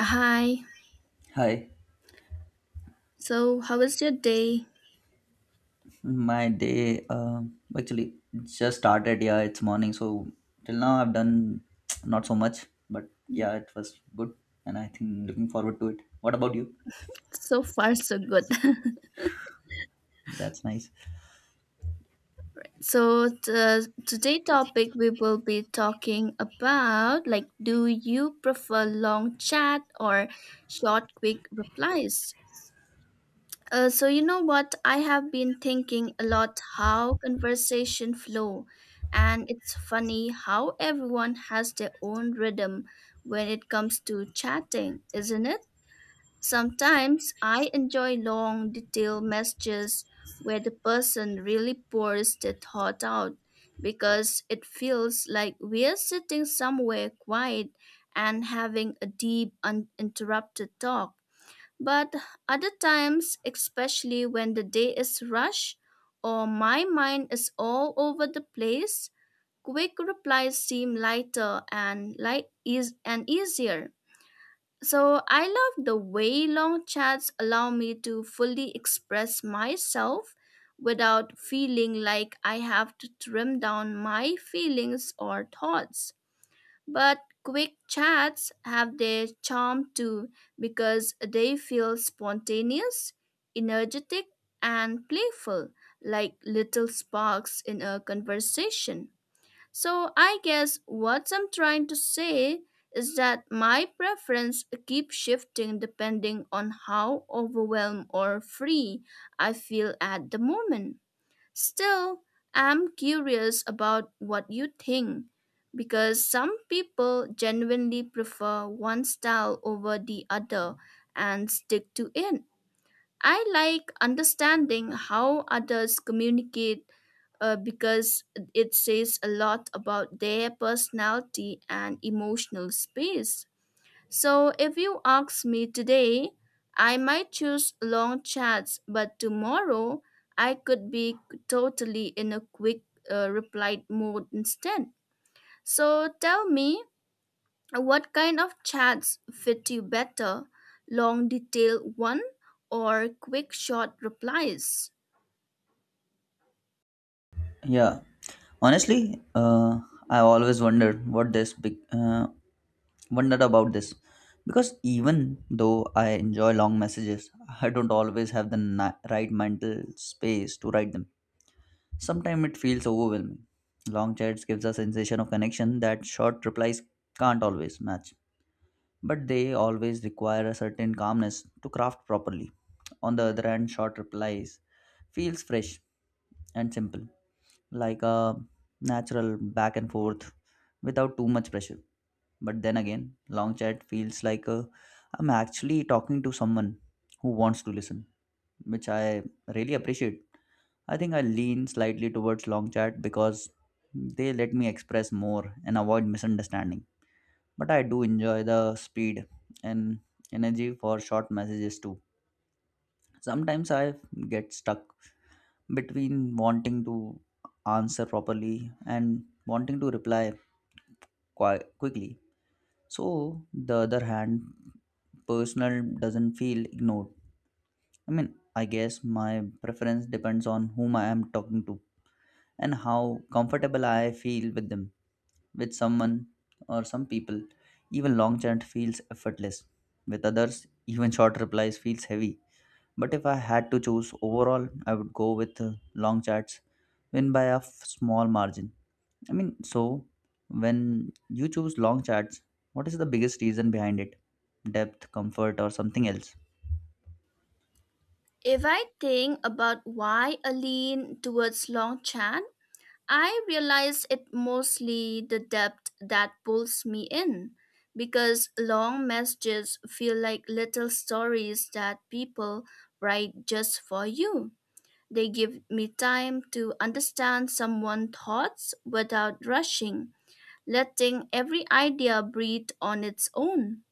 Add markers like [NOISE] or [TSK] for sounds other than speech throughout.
Hi. Hi, So, how was your day? my day actually just started. Yeah, it's morning, so till now I've done [TSK] not so much, but yeah, it was good, and I think looking forward to it. What about you? So far, so good. [LAUGHS] That's nice. Today topic we will be talking about do you prefer long chat or short, quick replies? So what I have been thinking a lot how conversation flow, and it's funny how everyone has their own rhythm when it comes to chatting, isn't it? Sometimes I enjoy long, detailed messages where the person really pours their thought out because it feels like we're sitting somewhere quiet and having a deep, uninterrupted talk. But other times, especially when the day is rushed or my mind is all over the place, quick replies seem lighter and light is and easier so I love the way long chats allow me to fully express myself without feeling like I have to trim down my feelings or thoughts. But quick chats have their charm too because they feel spontaneous, energetic, and playful, like little sparks in a conversation. So I guess what I'm trying to say is that my preference keeps shifting depending on how overwhelmed or free I feel at the moment. Still, I'm curious about what you think because some people genuinely prefer one style over the other and stick to it. I like understanding how others communicate because it says a lot about their personality and emotional space. So, if you ask me today, I might choose long chats, but tomorrow I could be totally in a quick reply mode instead. So, tell me, what kind of chats fit you better? Long, detailed one, or quick, short replies? Yeah, honestly, I always wondered what this big wondered about this because even though I enjoy long messages, I don't always have the right mental space to write them. Sometimes it feels overwhelming. Long chats gives a sensation of connection that short replies can't always match. But they always require a certain calmness to craft properly. On the other hand, short replies feels fresh and simple, like a natural back and forth without too much pressure. But then again, long chat feels like I'm actually talking to someone who wants to listen, which I really appreciate. I think I lean slightly towards long chat because they let me express more and avoid misunderstanding. But I do enjoy the speed and energy for short messages too. Sometimes I get stuck between wanting to answer properly and wanting to reply quickly. So, the other hand, personal doesn't feel ignored. I mean, I guess my preference depends on whom I am talking to, and how comfortable I feel with them. With someone or some people, even long chat feels effortless. With others, even short replies feels heavy. But if I had to choose overall, I would go with long chats, win by a small margin. I mean, so when you choose long chats, what is the biggest reason behind it? Depth, comfort, or something else? If I think about why I lean towards long Longchamp, I realize it mostly the depth that pulls me in, because long messages feel like little stories that people write just for you. They give me time to understand someone's thoughts without rushing, letting every idea breathe on its own.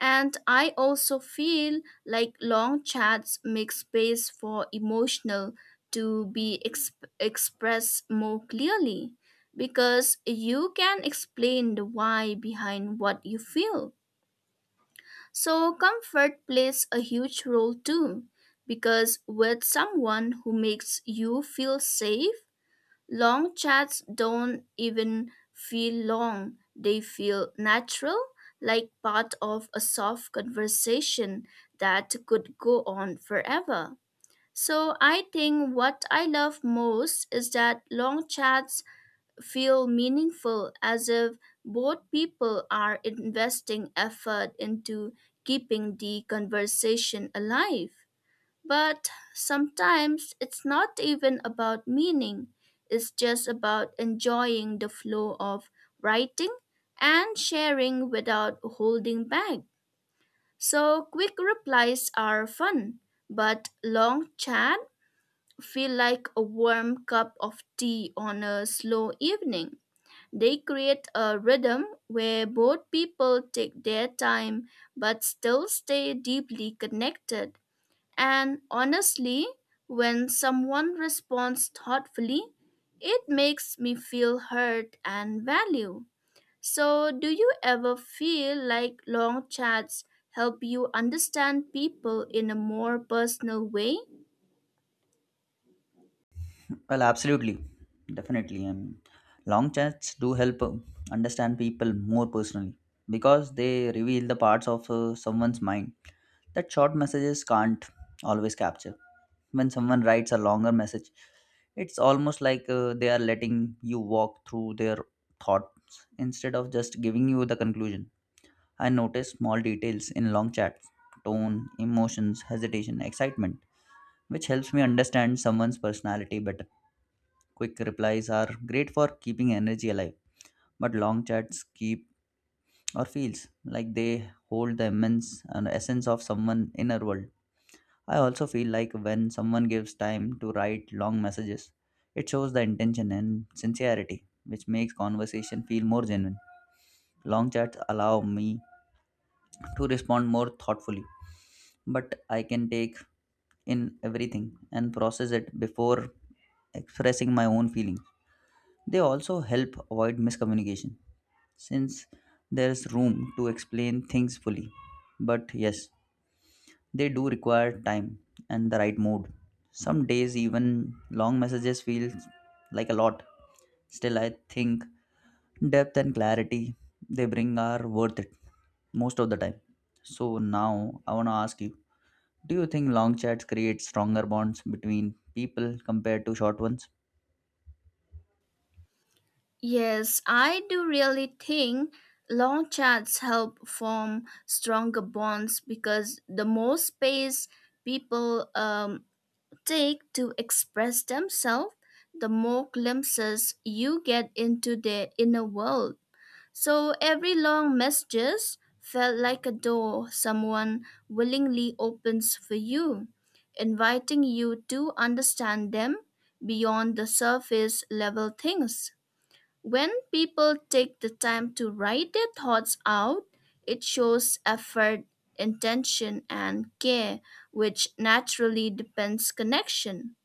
And I also feel like long chats make space for emotional to be expressed more clearly because you can explain the why behind what you feel. So comfort plays a huge role too, because with someone who makes you feel safe, long chats don't even feel long. They feel natural, like part of a soft conversation that could go on forever. So I think what I love most is that long chats feel meaningful, as if both people are investing effort into keeping the conversation alive. But sometimes it's not even about meaning, it's just about enjoying the flow of writing and sharing without holding back. So quick replies are fun, but long chat feel like a warm cup of tea on a slow evening. They create a rhythm where both people take their time but still stay deeply connected. And honestly, when someone responds thoughtfully, it makes me feel heard and valued. So, do you ever feel like long chats help you understand people in a more personal way? Well, absolutely. Definitely. Long chats do help understand people more personally because they reveal the parts of someone's mind that short messages can't always capture. When someone writes a longer message, it's almost like they are letting you walk through their thoughts instead of just giving you the conclusion. I notice small details in long chats: tone, emotions, hesitation, excitement, which helps me understand someone's personality better. Quick replies are great for keeping energy alive, but long chats keep or feels like they hold the immense and essence of someone inner world. I also feel like when someone gives time to write long messages, it shows the intention and sincerity, which makes conversation feel more genuine. Long chats allow me to respond more thoughtfully, but I can take in everything and process it before expressing my own feeling. They also help avoid miscommunication since there's room to explain things fully. But yes, they do require time and the right mood. Some days, even long messages feel like a lot. Still, I think depth and clarity they bring are worth it most of the time. So, now I want to ask you, do you think long chats create stronger bonds between people compared to short ones? Yes, I do really think long chats help form stronger bonds because the more space people take to express themselves, the more glimpses you get into their inner world. So every long message felt like a door someone willingly opens for you, inviting you to understand them beyond the surface level things. When people take the time to write their thoughts out, it shows effort, intention, and care, which naturally depends connection.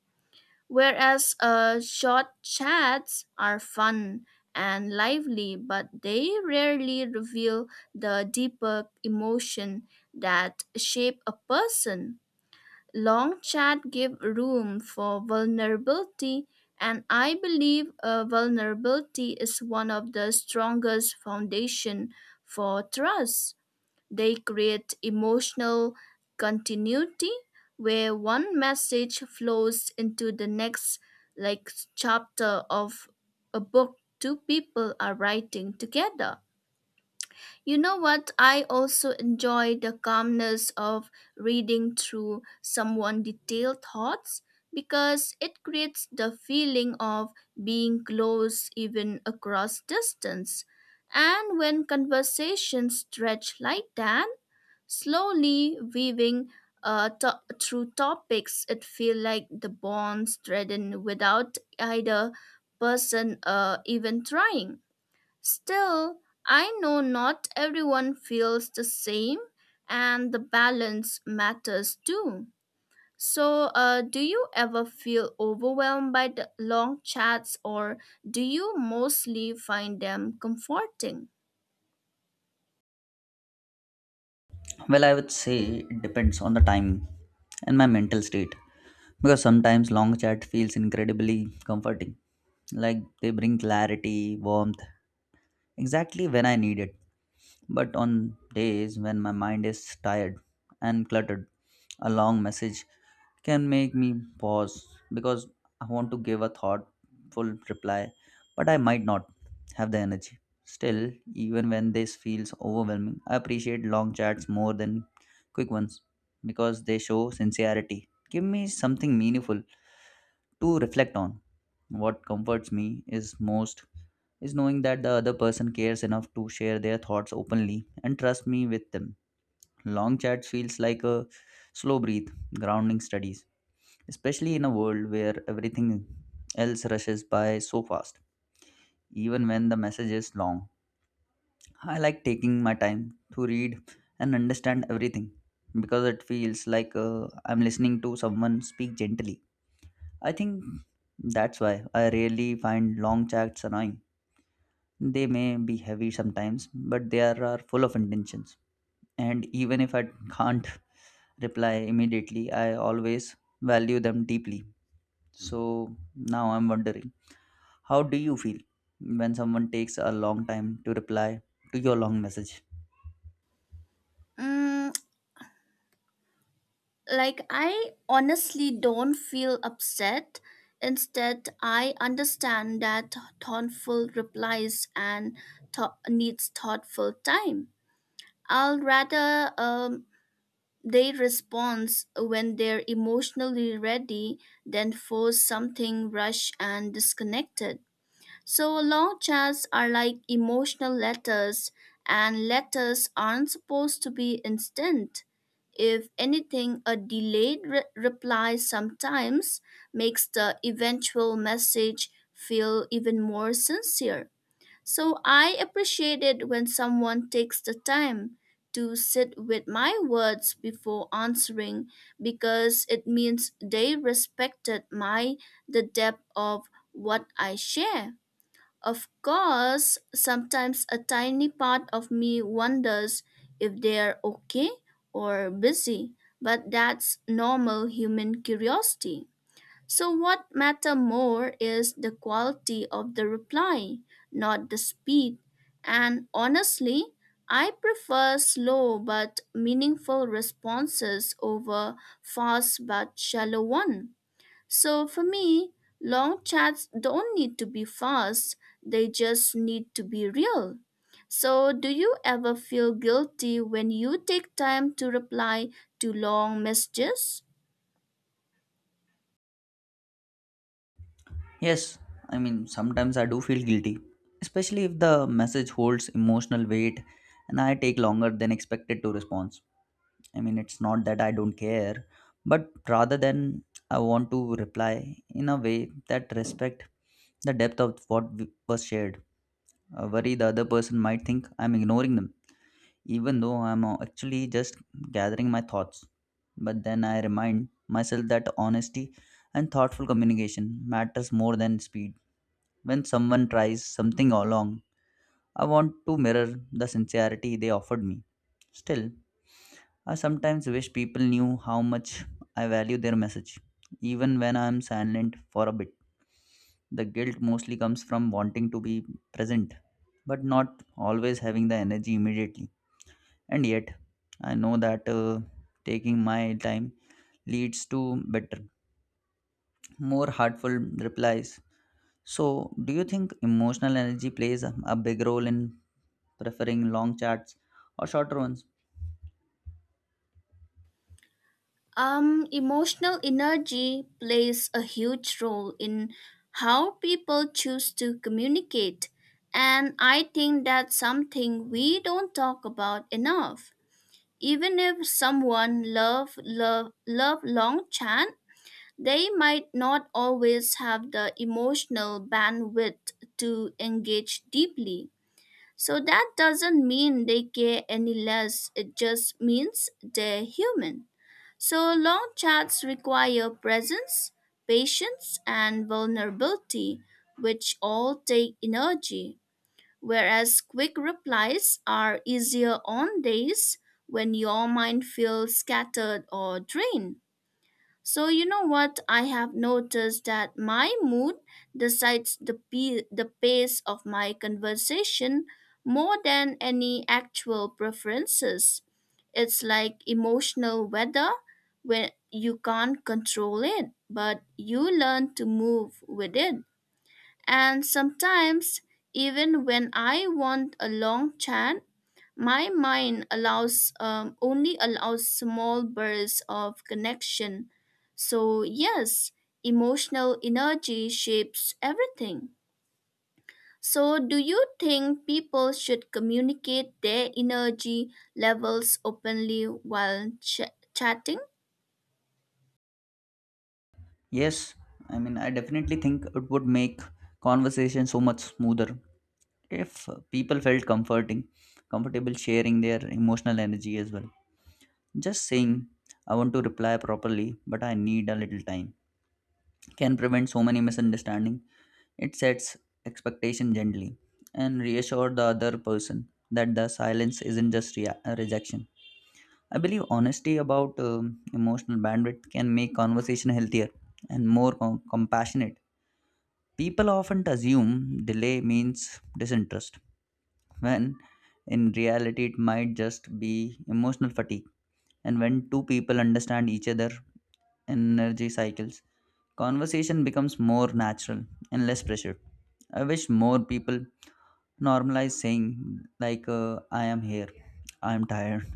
Whereas short chats are fun and lively, but they rarely reveal the deeper emotion that shape a person. Long chat give room for vulnerability, and I believe vulnerability is one of the strongest foundation for trust. They create emotional continuity where one message flows into the next, like chapter of a book two people are writing together. You know what? I also enjoy the calmness of reading through someone' detailed thoughts because it creates the feeling of being close even across distance. And when conversations stretch like that, slowly weaving through topics, it feels like the bonds threaten without either person even trying. Still, I know not everyone feels the same, and the balance matters too. So, do you ever feel overwhelmed by the long chats, or do you mostly find them comforting? Well, I would say it depends on the time and my mental state. Because sometimes long chat feels incredibly comforting. Like they bring clarity, warmth, exactly when I need it. But on days when my mind is tired and cluttered, a long message can make me pause because I want to give a thoughtful reply, but I might not have the energy. Still, even when this feels overwhelming, I appreciate long chats more than quick ones because they show sincerity. Give me something meaningful to reflect on. What comforts me is most is knowing that the other person cares enough to share their thoughts openly and trust me with them. Long chats feels like a slow breathe, grounding studies, especially in a world where everything else rushes by so fast, even when the message is long. I like taking my time to read and understand everything because it feels like I'm listening to someone speak gently. I think that's why I really find long chats annoying. They may be heavy sometimes, but they are full of intentions. And even if I can't reply immediately, I always value them deeply. So now I'm wondering, how do you feel when someone takes a long time to reply to your long message? Mm, I honestly don't feel upset. Instead, I understand that thoughtful replies and needs thoughtful time. I'll rather They respond when they're emotionally ready, then force something rushed and disconnected. So long chats are like emotional letters, and letters aren't supposed to be instant. If anything, a delayed reply sometimes makes the eventual message feel even more sincere. So I appreciate it when someone takes the time to sit with my words before answering because it means they respected my the depth of what I share. Of course, sometimes a tiny part of me wonders if they're okay or busy, but that's normal human curiosity. So what matter more is the quality of the reply, not the speed. And honestly, I prefer slow but meaningful responses over fast but shallow one. So for me, long chats don't need to be fast, they just need to be real. So do you ever feel guilty when you take time to reply to long messages? Yes, I mean, sometimes I do feel guilty, especially if the message holds emotional weight and I take longer than expected to respond. I mean, it's not that I don't care, but rather than I want to reply in a way that respect the depth of what was shared. I worry the other person might think I'm ignoring them, even though I'm actually just gathering my thoughts. But then I remind myself that honesty and thoughtful communication matters more than speed. When someone tries something along, I want to mirror the sincerity they offered me. Still, I sometimes wish people knew how much I value their message, even when I am silent for a bit. The guilt mostly comes from wanting to be present, but not always having the energy immediately. And yet, I know that taking my time leads to better, more heartful replies. So, do you think emotional energy plays a big role in preferring long chats or shorter ones? Emotional energy plays a huge role in how people choose to communicate, and I think that's something we don't talk about enough. Even if someone love long chat, they might not always have the emotional bandwidth to engage deeply. So that doesn't mean they care any less. It just means they're human. So long chats require presence, patience, and vulnerability, which all take energy, whereas quick replies are easier on days when your mind feels scattered or drained. So you know what, I have noticed that my mood decides the the pace of my conversation more than any actual preferences. It's like emotional weather where you can't control it, but you learn to move with it. And sometimes even when I want a long chat, my mind allows only allows small bursts of connection. So yes, emotional energy shapes everything. So do you think people should communicate their energy levels openly while chatting? Yes, I mean, I definitely think it would make conversation so much smoother if people felt comfortable sharing their emotional energy as well. Just saying, I want to reply properly, but I need a little time, can prevent so many misunderstanding. It sets expectation gently and reassure the other person that the silence isn't just rejection. I believe honesty about emotional bandwidth can make conversation healthier and more compassionate. People often assume delay means disinterest, when in reality, it might just be emotional fatigue. And when two people understand each other energy cycles, conversation becomes more natural and less pressured. I wish more people normalize saying, like, I am here, I am tired.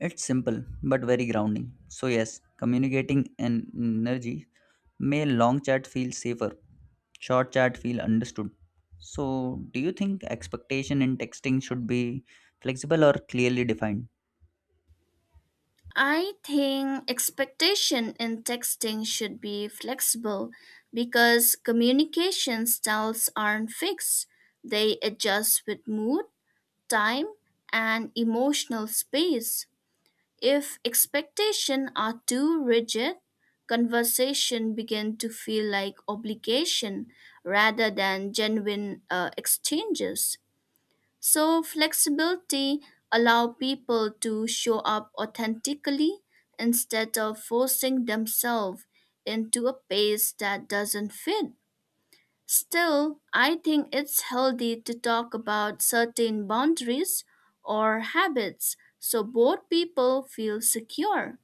It's simple but very grounding. So, yes, communicating and energy may long chat feel safer, short chat feel understood. So, do you think expectation in texting should be flexible or clearly defined? I think expectation in texting should be flexible because communication styles aren't fixed. They adjust with mood, time, and emotional space. If expectations are too rigid, conversation begin to feel like obligation rather than genuine exchanges. So flexibility allow people to show up authentically instead of forcing themselves into a pace that doesn't fit. Still, I think it's healthy to talk about certain boundaries or habits so both people feel secure.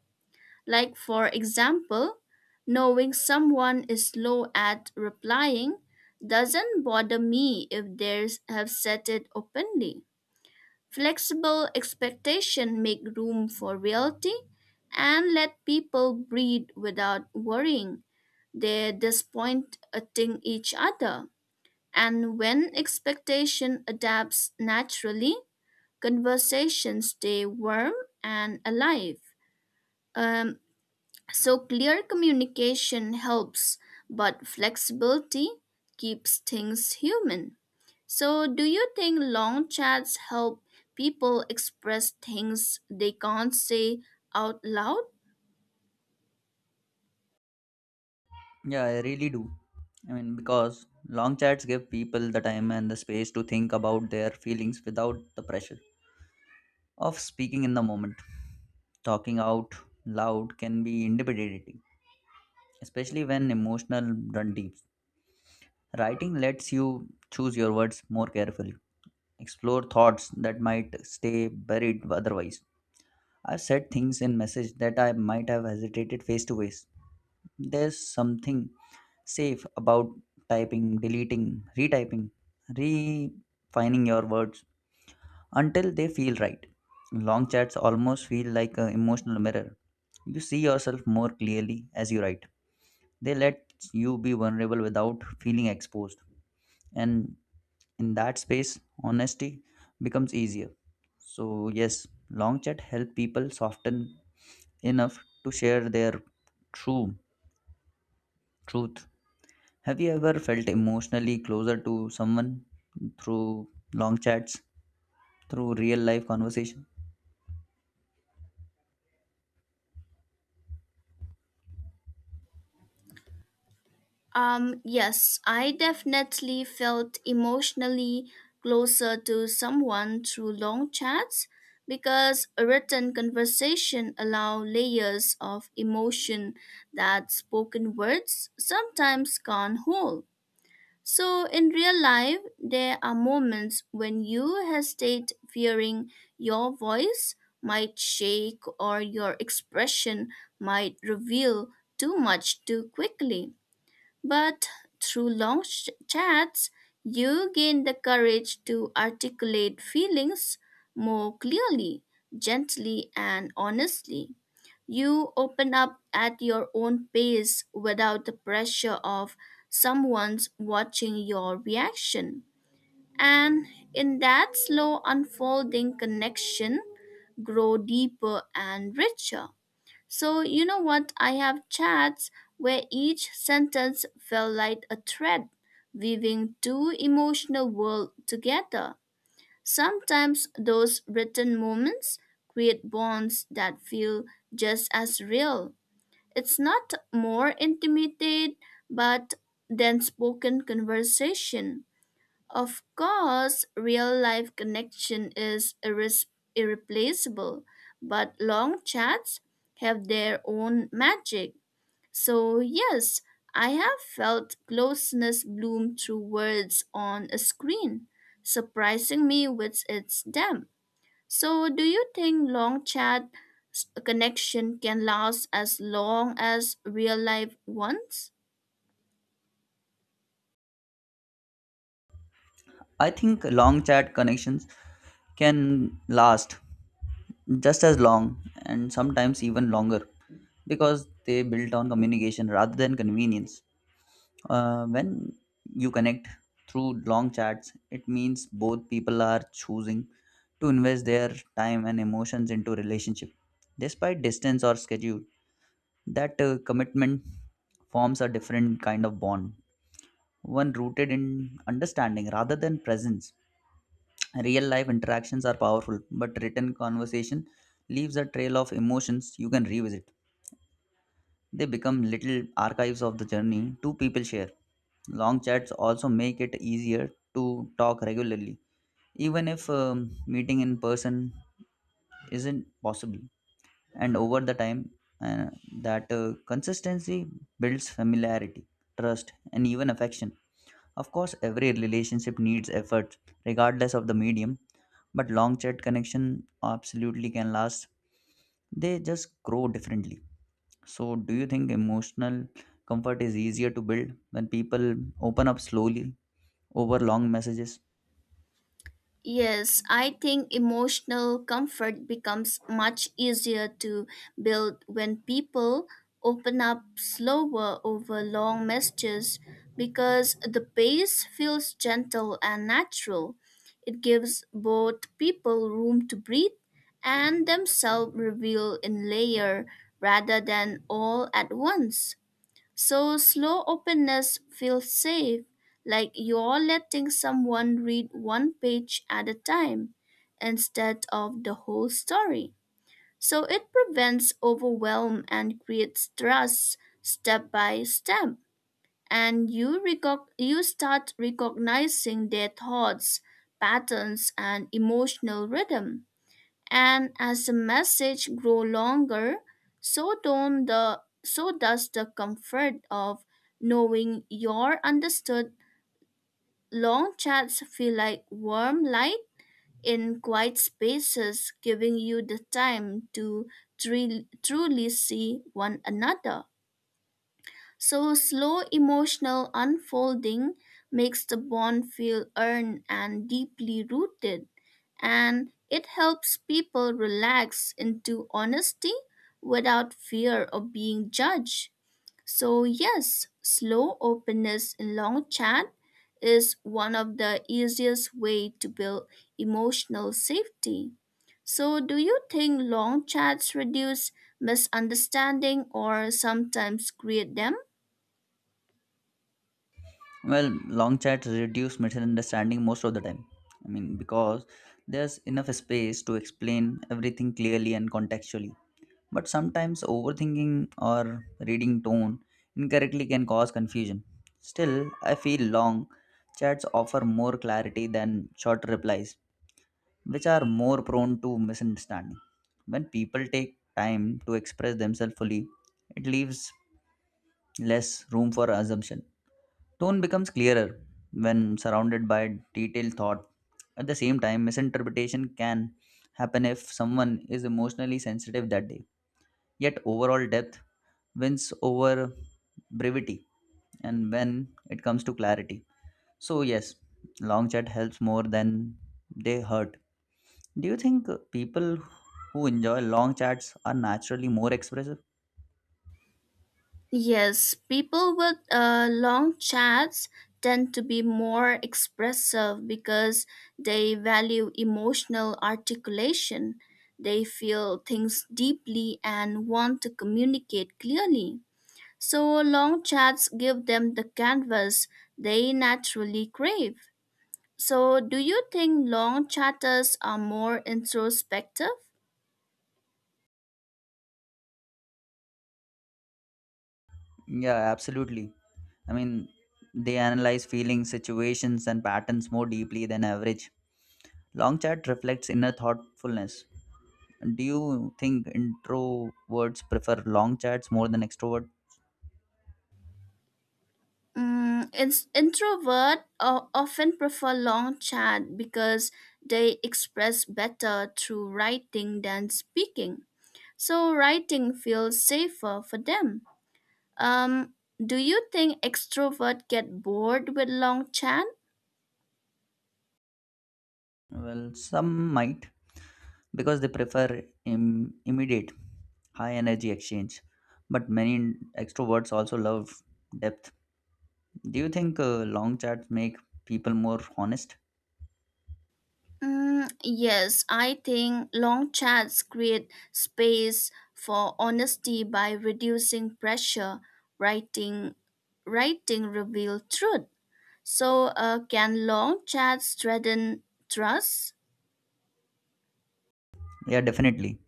Like, for example, knowing someone is slow at replying doesn't bother me if they have said it openly. Flexible expectation make room for reality and let people breathe without worrying they're disappointing each other. And when expectation adapts naturally, conversations stay warm and alive. Um, so clear communication helps, but flexibility keeps things human. So, do you think long chats help people express things they can't say out loud? Yeah, I really do. I mean, because long chats give people the time and the space to think about their feelings without the pressure of speaking in the moment. Talking out loud can be intimidating, especially when emotional, grunty. Writing lets you choose your words more carefully, explore thoughts that might stay buried otherwise. I've said things in message that I might have hesitated face to face. There's something safe about typing, deleting, retyping, refining your words until they feel right. Long chats almost feel like an emotional mirror. You see yourself more clearly as you write. They let you be vulnerable without feeling exposed. And in that space honesty becomes easier. So yes, long chat help people soften enough to share their true truth. Have you ever felt emotionally closer to someone through long chats through real life conversation? Yes, I definitely felt emotionally closer to someone through long chats because a written conversation allow layers of emotion that spoken words sometimes can't hold. So in real life, there are moments when you hesitate fearing your voice might shake or your expression might reveal too much too quickly. But through long chats, you gain the courage to articulate feelings more clearly, gently, and honestly. You open up at your own pace without the pressure of someone's watching your reaction. And in that slow unfolding connection, grow deeper and richer. So, you know what? I have chats where each sentence felt like a thread, weaving two emotional worlds together. Sometimes those written moments create bonds that feel just as real. It's not more intimate, but than spoken conversation. Of course, real life connection is irreplaceable, but long chats have their own magic. So, yes, I have felt closeness bloom through words on a screen, surprising me with its depth. So, do you think long chat connection can last as long as real life ones? I think long chat connections can last just as long and sometimes even longer because they built on communication rather than convenience. When you connect through long chats, it means both people are choosing to invest their time and emotions into relationship. Despite distance or schedule, that commitment forms a different kind of bond, one rooted in understanding rather than presence. Real life interactions are powerful, but written conversation leaves a trail of emotions you can revisit. They become little archives of the journey two people share. Long chats also make it easier to talk regularly, even if meeting in person isn't possible. And over the time, uh, that consistency builds familiarity, trust, and even affection. Of course, every relationship needs effort, regardless of the medium, but long chat connection absolutely can last. They just grow differently. So, do you think emotional comfort is easier to build when people open up slowly over long messages? Yes, I think emotional comfort becomes much easier to build when people open up slower over long messages because the pace feels gentle and natural. It gives both people room to breathe and themselves reveal in layer rather than all at once. So slow openness feels safe, like you're letting someone read one page at a time instead of the whole story. So it prevents overwhelm and creates trust step by step. And you, you start recognizing their thoughts, patterns, and emotional rhythm, and as the message grow longer, so don't the so does the comfort of knowing you're understood. Long chats feel like warm light in quiet spaces, giving you the time to truly see one another. So, slow emotional unfolding makes the bond feel earned and deeply rooted, and it helps people relax into honesty without fear of being judged. So, yes, slow openness in long chat is one of the easiest way to build emotional safety. So, do you think long chats reduce misunderstanding or sometimes create them? Well, long chats reduce misunderstanding most of the time. I mean, because there's enough space to explain everything clearly and contextually. But sometimes overthinking or reading tone incorrectly can cause confusion. Still, I feel long chats offer more clarity than short replies which are more prone to misunderstanding. When people take time to express themselves fully, it leaves less room for assumption. Tone becomes clearer when surrounded by detailed thought. At the same time, misinterpretation can happen if someone is emotionally sensitive that day. Yet, overall depth wins over brevity and when it comes to clarity. So, yes, long chat helps more than they hurt. Do you think people who enjoy long chats are naturally more expressive? Yes, people with long chats tend to be more expressive because they value emotional articulation. They feel things deeply and want to communicate clearly. So, long chats give them the canvas they naturally crave. So, do you think long chatters are more introspective? Yeah, absolutely. I mean, they analyze feelings, situations, and patterns more deeply than average. Long chat reflects inner thoughtfulness. Do you think introverts prefer long chats more than extrovert? Mm, it's introvert often prefer long chat because they express better through writing than speaking. So writing feels safer for them. Um, do you think extrovert get bored with long chat? Well, some might because they prefer immediate, high energy exchange. But many extroverts also love depth. Do you think long chats make people more honest? Mm, yes, I think long chats create space for honesty by reducing pressure. Writing, Writing reveal truth. So, can long chats strengthen trust? Yeah, definitely.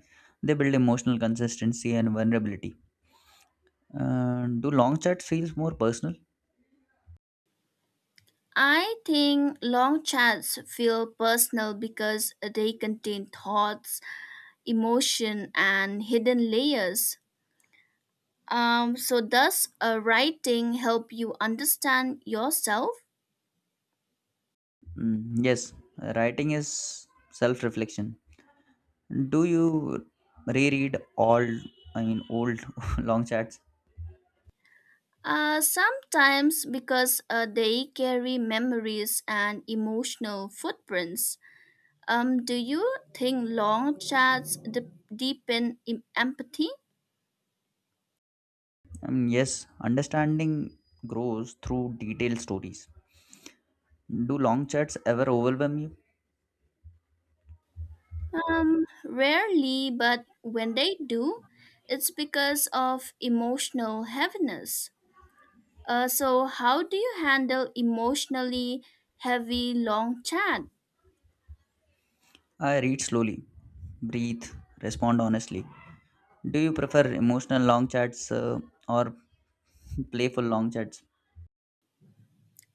They build emotional consistency and vulnerability. Do long chats feel more personal? I think long chats feel personal because they contain thoughts, emotion, and hidden layers. So, does writing help you understand yourself? Mm, yes, writing is self-reflection. Do you reread all, I mean, old [LAUGHS] long chats? Sometimes because they carry memories and emotional footprints. Do you think long chats deepen empathy? Yes, understanding grows through detailed stories. Do long chats ever overwhelm you? Rarely, but when they do, it's because of emotional heaviness. So, how do you handle emotionally heavy long chat? I read slowly, breathe, respond honestly. Do you prefer emotional long chats or playful long chats?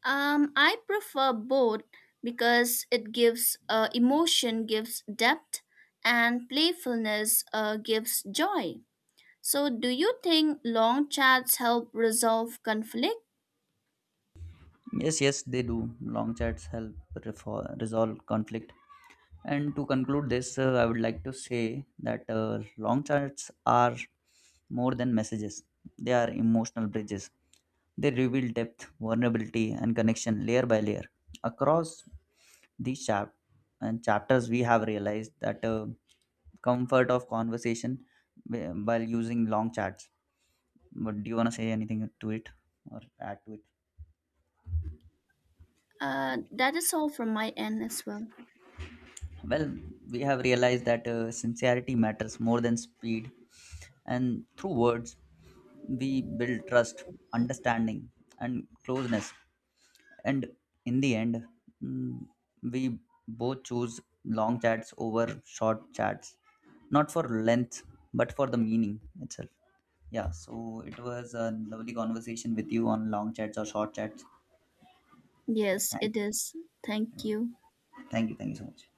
I prefer both because it gives emotion gives depth and playfulness gives joy. So, do you think long chats help resolve conflict? Yes, they do. Long chats help resolve conflict. And to conclude this, I would like to say that long chats are more than messages, they are emotional bridges. They reveal depth, vulnerability, and connection layer by layer. Across these chap- and chapters, we have realized that comfort of conversation while using long chats. But do you want to say anything to it or add to it? That is all from my end as well. Well, we have realized that sincerity matters more than speed, and through words, we build trust, understanding, and closeness. And in the end, mm, we both choose long chats over short chats, not for length, but for the meaning itself. Yeah, so it was a lovely conversation with you on long chats or short chats. Yeah, Yes, it thanks. is. Thank you. Thank you. Thank you so much.